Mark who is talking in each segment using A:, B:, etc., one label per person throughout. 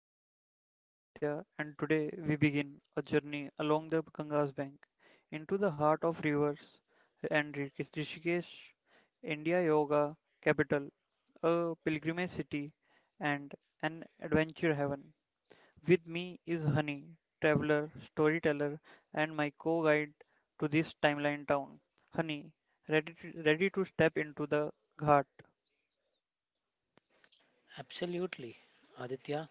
A: of Time. I am Aditya and today we begin a journey along the Ganga's bank into the heart of rivers and Rishikesh, India Yoga capital, a pilgrimage city and an adventure heaven. With me is Honey, traveler, storyteller and my co-guide to this timeline town. Honey, ready to step into the ghat.
B: Absolutely, Aditya.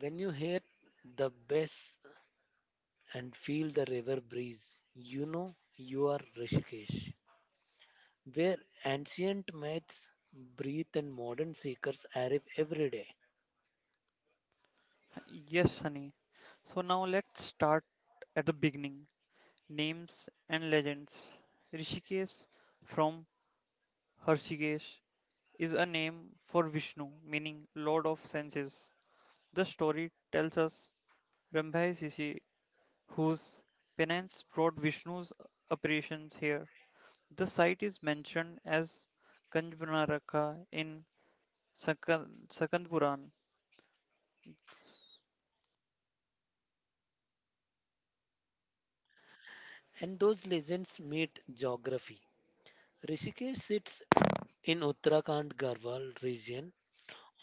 B: When you hear the bass and feel the river breeze, you know you are Rishikesh, where ancient myths breathe and modern seekers arrive every day.
A: Yes, honey. So now let's start beginning. Names and legends. Rishikesh from Harshikesh is a name for Vishnu, meaning Lord of Senses. The story tells us Rambhai Sisi, whose penance brought Vishnu's apparitions here. The site is mentioned as Kanjbanaraka in Sakand Puran.
B: And those legends meet geography. Rishikesh sits in Uttarakhand Garhwal region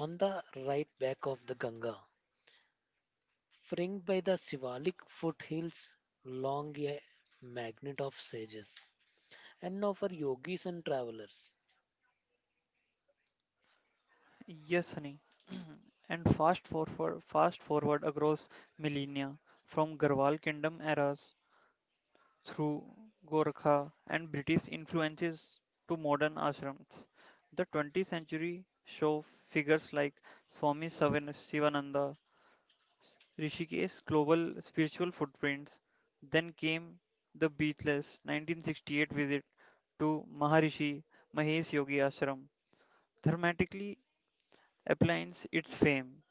B: on the right bank of the Ganga, fringed by the Shivalik foothills, long a magnet of sages and now for yogis and travelers.
A: Yes, honey. And fast forward across millennia from Garhwal kingdom eras through Gorakha and British influences to modern ashrams. The 20th century saw figures like Swami Sivananda, Rishikesh's global spiritual footprints. Then came the Beatles' 1968 visit to Maharishi Mahesh Yogi Ashram, dramatically applying its fame.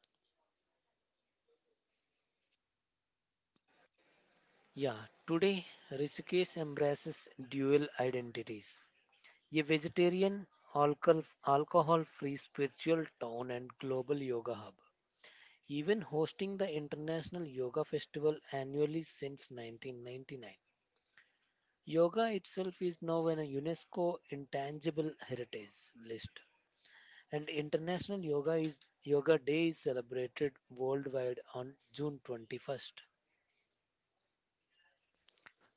B: Yeah, today Rishikesh embraces dual identities, a vegetarian, alcohol free spiritual town and global yoga hub, even hosting the International Yoga Festival annually since 1999. Yoga itself is now on a UNESCO Intangible Heritage list, and Yoga Day is celebrated worldwide on June 21st.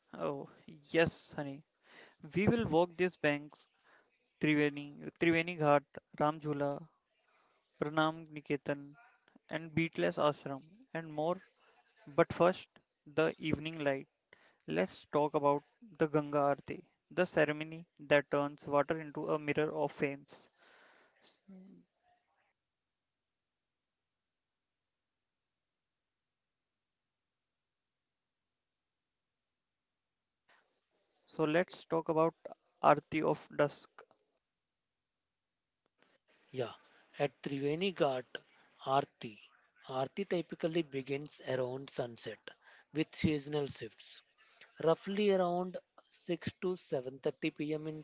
A: Oh, yes, honey. We will walk these banks, Triveni, Triveni Ghat, Ramjula, Pranam Niketan, and Beatless Ashram, and more. But first, the evening light. Let's talk about the Ganga Aarti, the ceremony that turns water into a mirror of flames. So let's talk about Aarti of Dusk.
B: Yeah, at Triveni Ghat, Aarti. Aarti typically begins around sunset with seasonal shifts, roughly around 6 to 7:30 p.m. in.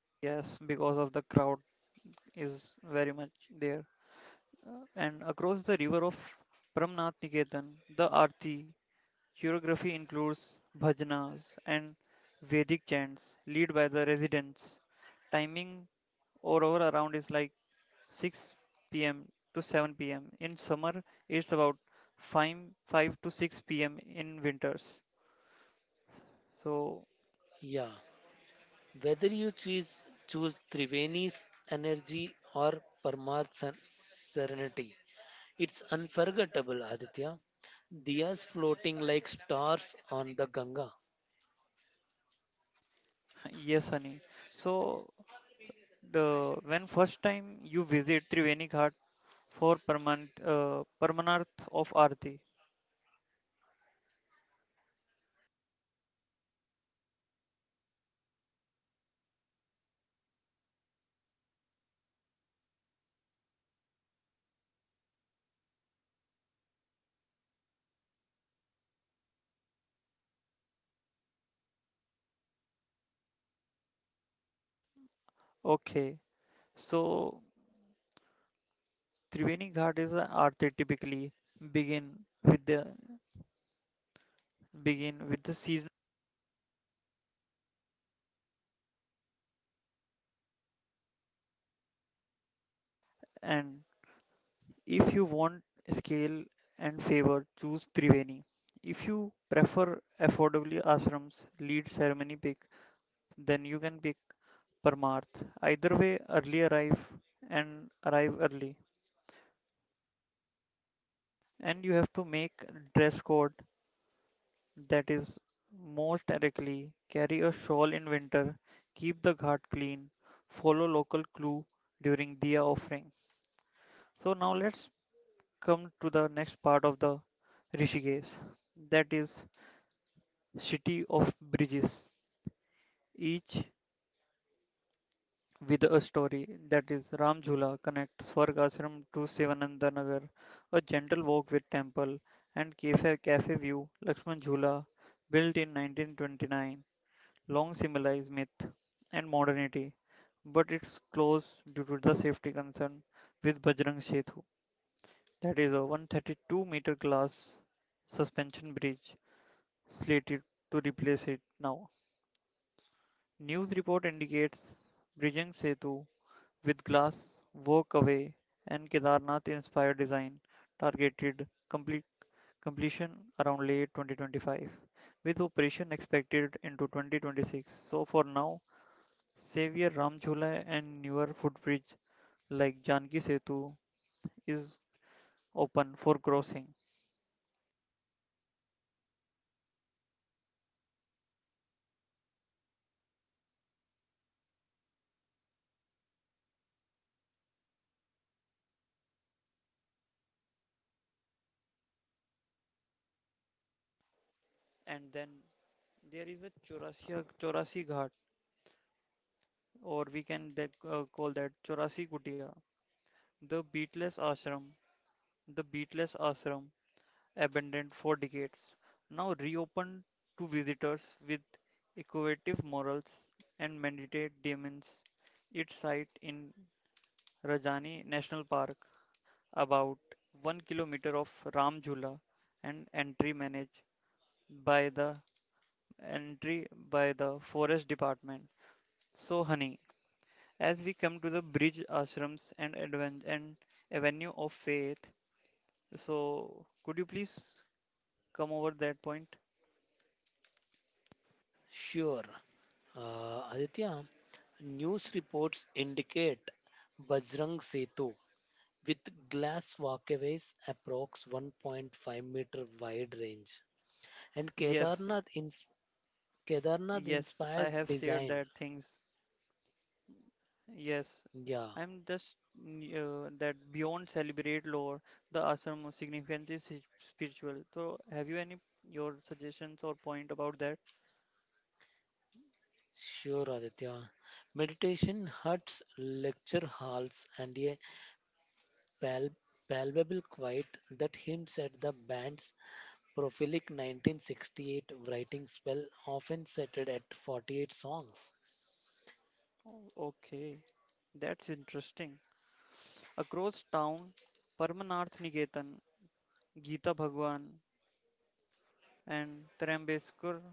A: Yes, because of the crowd is very much there. And across the river of Pramnath Niketan, the Aarti choreography includes bhajanas and Vedic chants led by the residents. Timing or over around is like 6 p.m. to 7 pm. In summer, it's about 5, 5 to 6 p.m. in winters. So, yes, honey. So, the when first time you visit Triveni Ghat for permanent permanarth of Aarti. Okay. So Triveni Ghat is a art they typically begin with the begin with the season and if you want scale and favor choose Triveni. If you prefer affordably ashrams lead ceremony pick then you can pick Parmarth. Either way early arrive and arrive early and you have to make dress code that is most directly carry a shawl in winter, keep the ghat clean, follow local clue during Diya offering. So now let's come to the next part of the Rishikesh, that is city of bridges, each with a story. That is Ram Jhula connects Swarg Ashram to Sevananda Nagar, a gentle walk with temple and cafe view. Lakshman Jhula built in 1929 long symbolizes myth and modernity, but it's closed due to the safety concern with Bajrang Setu. That is a 132-meter glass suspension bridge slated to replace it now. News report indicates Brijang Setu with glass walk away and Kedarnath inspired design targeted complete completion around late 2025 with operation expected into 2026. So for now, Xavier Ramjula and newer footbridge like Janki Setu is open for crossing. And then there is a Chaurasi Ghat or we can that, call that Chaurasi Kutia, the beatless ashram, the beatless ashram abandoned for decades, now reopened to visitors with equative morals and meditate demons. Its site in Rajani National Park about 1 kilometer of Ram Jhula and by the entry by the forest department. So honey, as we come to the bridge ashrams and and avenue of faith, so could you please come over that point?
B: Sure. Aditya, news reports indicate Bajrang Setu with glass walkways approx 1.5-meter wide range and
A: Yes,
B: Kedarnath
A: yes, I
B: inspired
A: have shared
B: design.
A: that things. Yes,
B: Yeah,
A: I'm just that beyond celebrate lore, the ashram of significance is spiritual. So, have you any your suggestions or point about that?
B: sure Aditya. Meditation huts, lecture halls and a pal- palpable quiet that hints at the band's prolific 1960s
A: Okay, that's interesting. Across town, Parmanarth Niketan, Gita Bhagwan, and Trambeskar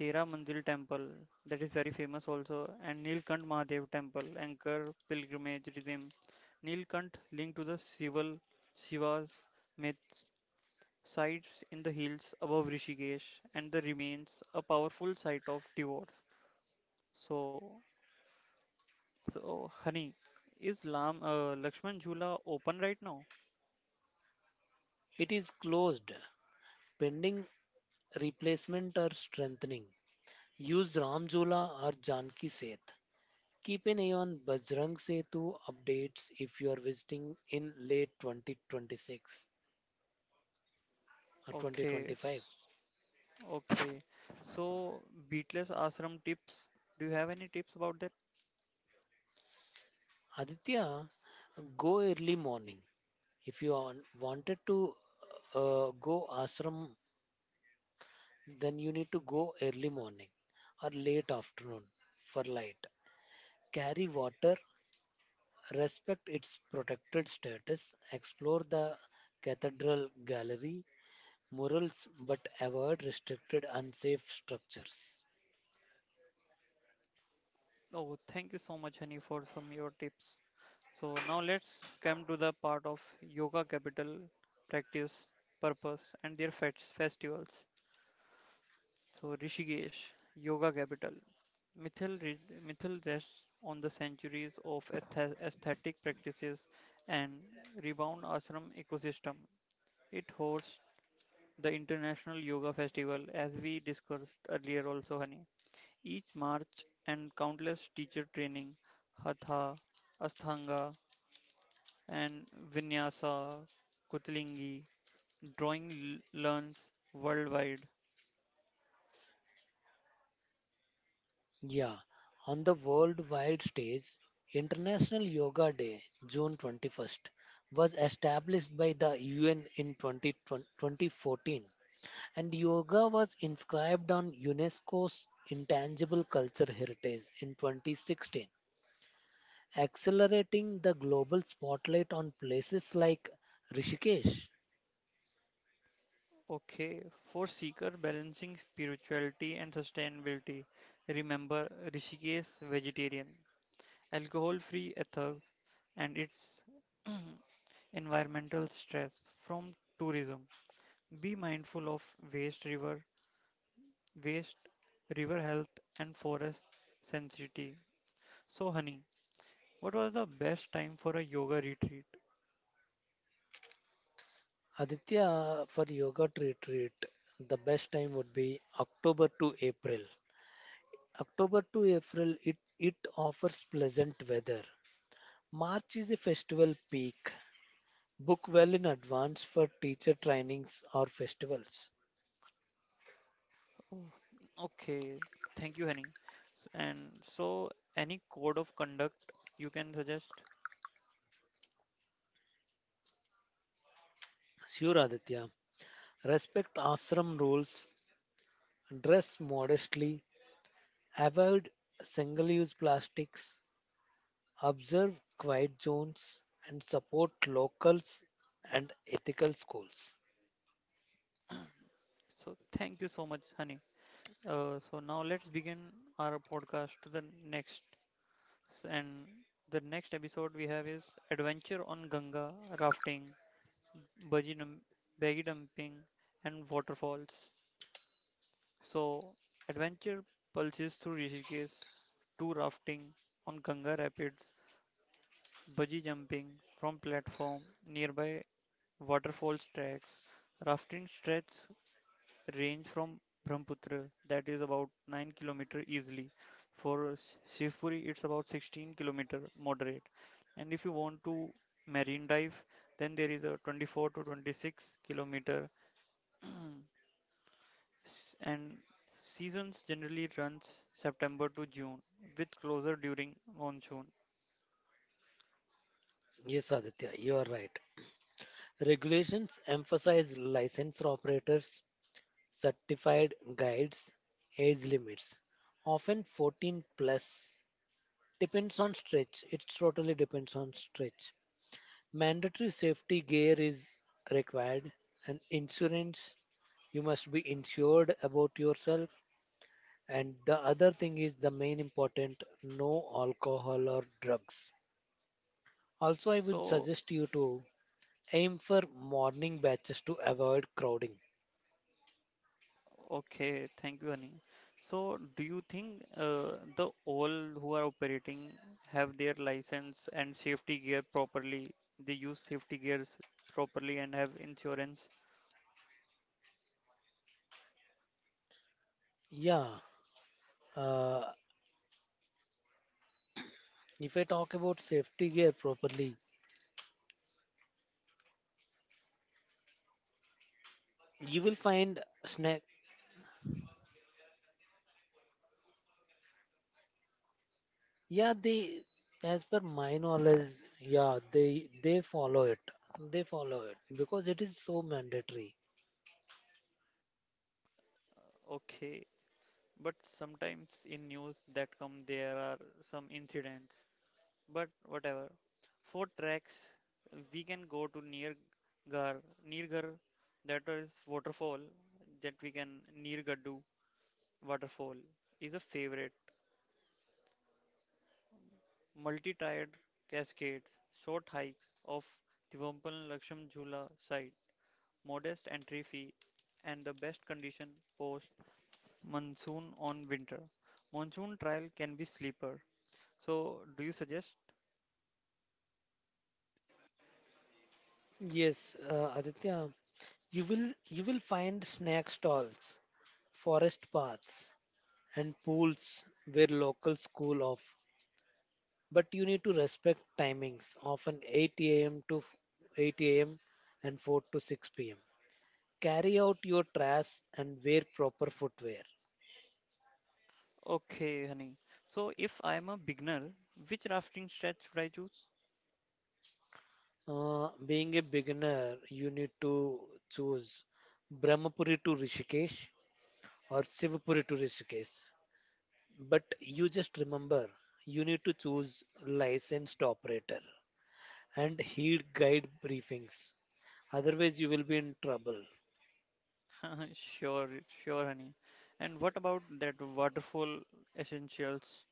A: Tera Mandir temple that is very famous also and Neelkanth Mahadev temple anchor pilgrimage rhythm. Neelkanth linked to the Sival Shiva's myths sites in the hills above Rishikesh and the remains a powerful site of divorce. So so honey, is Lam Lakshman Jhula open right now? Okay. Okay. So Beatless Ashram tips. Do you have any tips about that? Oh, thank you so much, Hani, for some your tips. So now let's come to the part of yoga capital, practice, purpose, and their festivals. So Rishikesh, yoga capital. Mithil, re- Mithil rests on the centuries of aesthetic practices and rebound ashram ecosystem. It hosts the International Yoga Festival, as we discussed earlier also, Hani. Each march and countless teacher training, hatha, ashtanga and vinyasa kutlingi drawing learns worldwide. Okay, for seeker balancing spirituality and sustainability, remember Rishikesh vegetarian, alcohol free ethers and its environmental stress from tourism. Be mindful of waste river waste, river health, and forest sensitivity. So, honey, what was the best time for a yoga retreat? Oh, okay, thank you, honey. And so, any code of conduct you can suggest? So, thank you so much, honey. So, now let's begin our podcast to the next. And the next episode we have is Adventure on Ganga, Rafting, Bungee jump- Baggy Dumping, and Waterfalls. So, adventure pulses through Rishikesh, two rafting on Ganga Rapids, bungee jumping from platform, nearby waterfalls tracks. Rafting stretches range from Brahmaputra, that is about 9-kilometer easily. For Shivpuri, it's about 16-kilometer moderate. And if you want to marine dive, then there is a 24 to 26 kilometer. And seasons generally runs September to June with closer during monsoon. So, okay, thank you, Ani. So, do you think the all who are operating have their license and safety gear properly? They use safety gears properly and have insurance? Okay, but sometimes in news that come there are some incidents. But whatever. Four tracks we can go to Nirgar, that is waterfall that we can Nirgadu waterfall is a favorite. Multi-tiered cascades, short hikes of Tirumpal Laksham Jhula side, modest entry fee, and the best condition post monsoon on winter. Monsoon trial can be sleeper. So, do you suggest? Okay, honey. So if I'm a beginner, which rafting stretch should I choose? Sure, honey. And what about that waterfall essentials?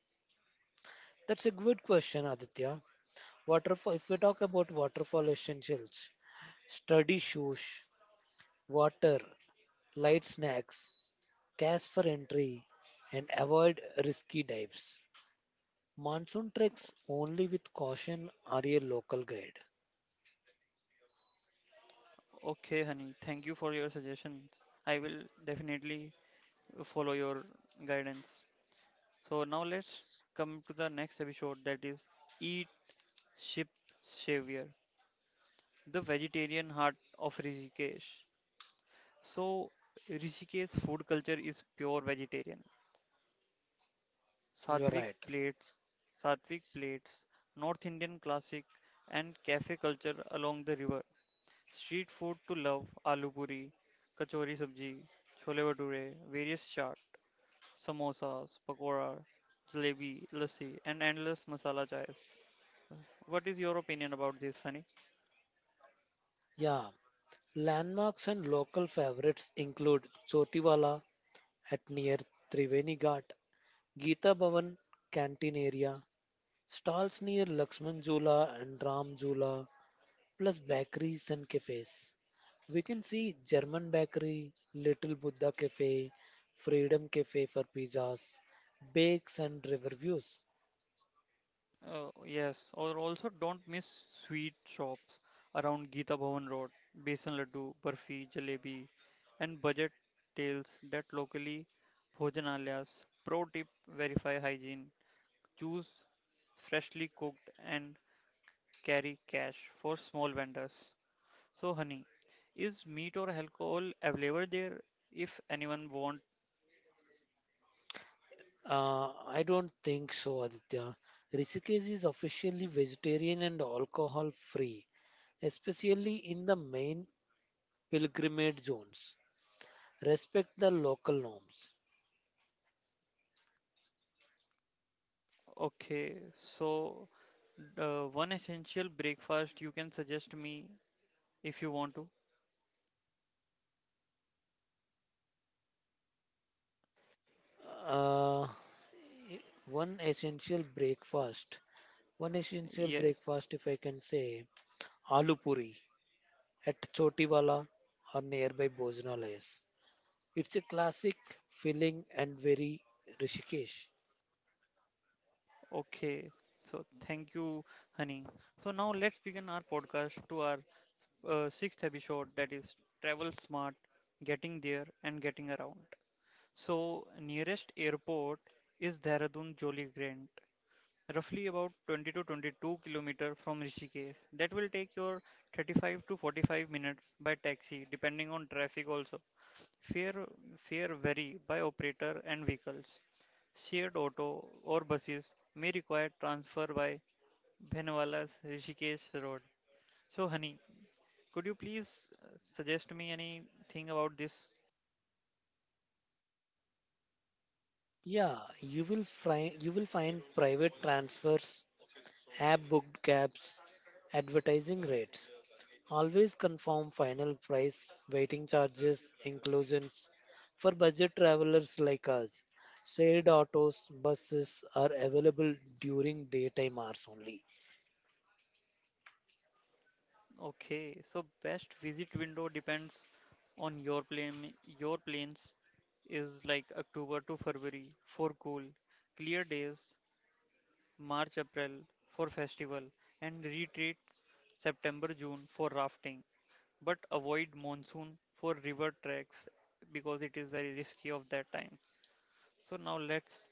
A: Okay, honey. Thank you for your suggestions. I will definitely follow your guidance. So now let's come to the next episode that is Eat Ship Savior, the vegetarian heart of Rishikesh. So Rishikesh food culture is pure vegetarian. Satvik plates, Satvik plates, North Indian classic and cafe culture along the river. Street food to love, aloo puri, kachori sabji, chole bhature, various chaat, samosas, pakora, jalebi, lassi and endless masala chais. What is your opinion about this, Honey? Yes, or also don't miss sweet shops around Geeta Bhavan Road, Besan Laddu, Barfi, Jalebi, and budget tails that locally bhojanalayas. Pro tip, verify hygiene. Choose freshly cooked and carry cash for small vendors. So, honey, is meat or alcohol available there if anyone want? Okay, so one essential breakfast you can suggest me if you want to. Yes. Okay. So thank you, honey. So now let's begin our podcast to our sixth episode that is travel smart, getting there and getting around. So nearest airport is Dehradun Joli Grant, roughly about 20 to 22 kilometer from Rishikesh. That will take your 35 to 45 minutes by taxi, depending on traffic also. Fare Fare vary by operator and vehicles. Shared auto or buses may require transfer by Bhanwala's Rishikesh Road. So, honey, could you please suggest me anything about this? Okay, so best visit window depends on your plane. Your planes is like October to February for cool, clear days, March April for festival, and retreats September June for rafting. But avoid monsoon for river treks because it is very risky of that time. So now let's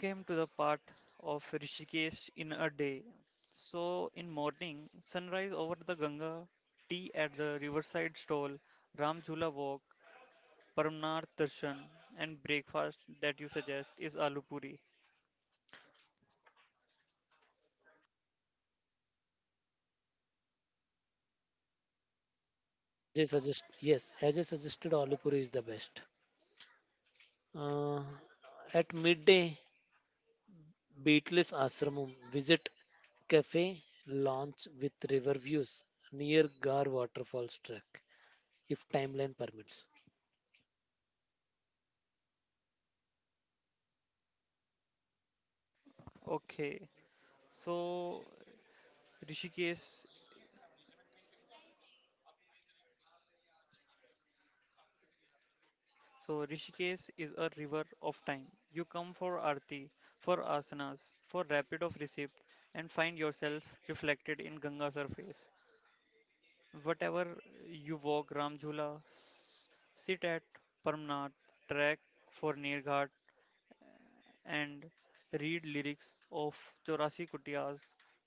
A: came to the part of Rishikesh in a day. So in morning, sunrise over the Ganga, tea at the riverside stall, Ramjula walk, Paramnath darshan, and breakfast that you suggest is aloo puri. Okay, so Rishikesh Rishikesh is a river of time. You come for arati, for asanas, for rapid of receipts, and find yourself reflected in Ganga surface. Whatever you walk Ramjhula, sit at Paramnath, trek for Nirghat, and read lyrics of Chaurasi Kutiyas,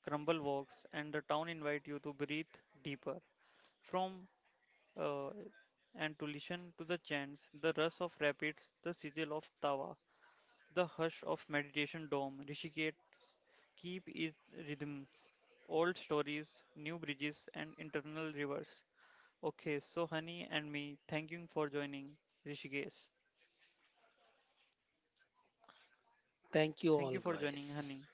A: crumble walks, and the town invite you to breathe deeper. From uh, and to listen to the chants, the rush of rapids, the sizzle of tawa, the hush of meditation dome, Rishikesh, keep its rhythms, old stories, new bridges, and internal rivers. Okay, so Honey and me, thank you for joining, Rishikesh. Thank you for joining, Honey.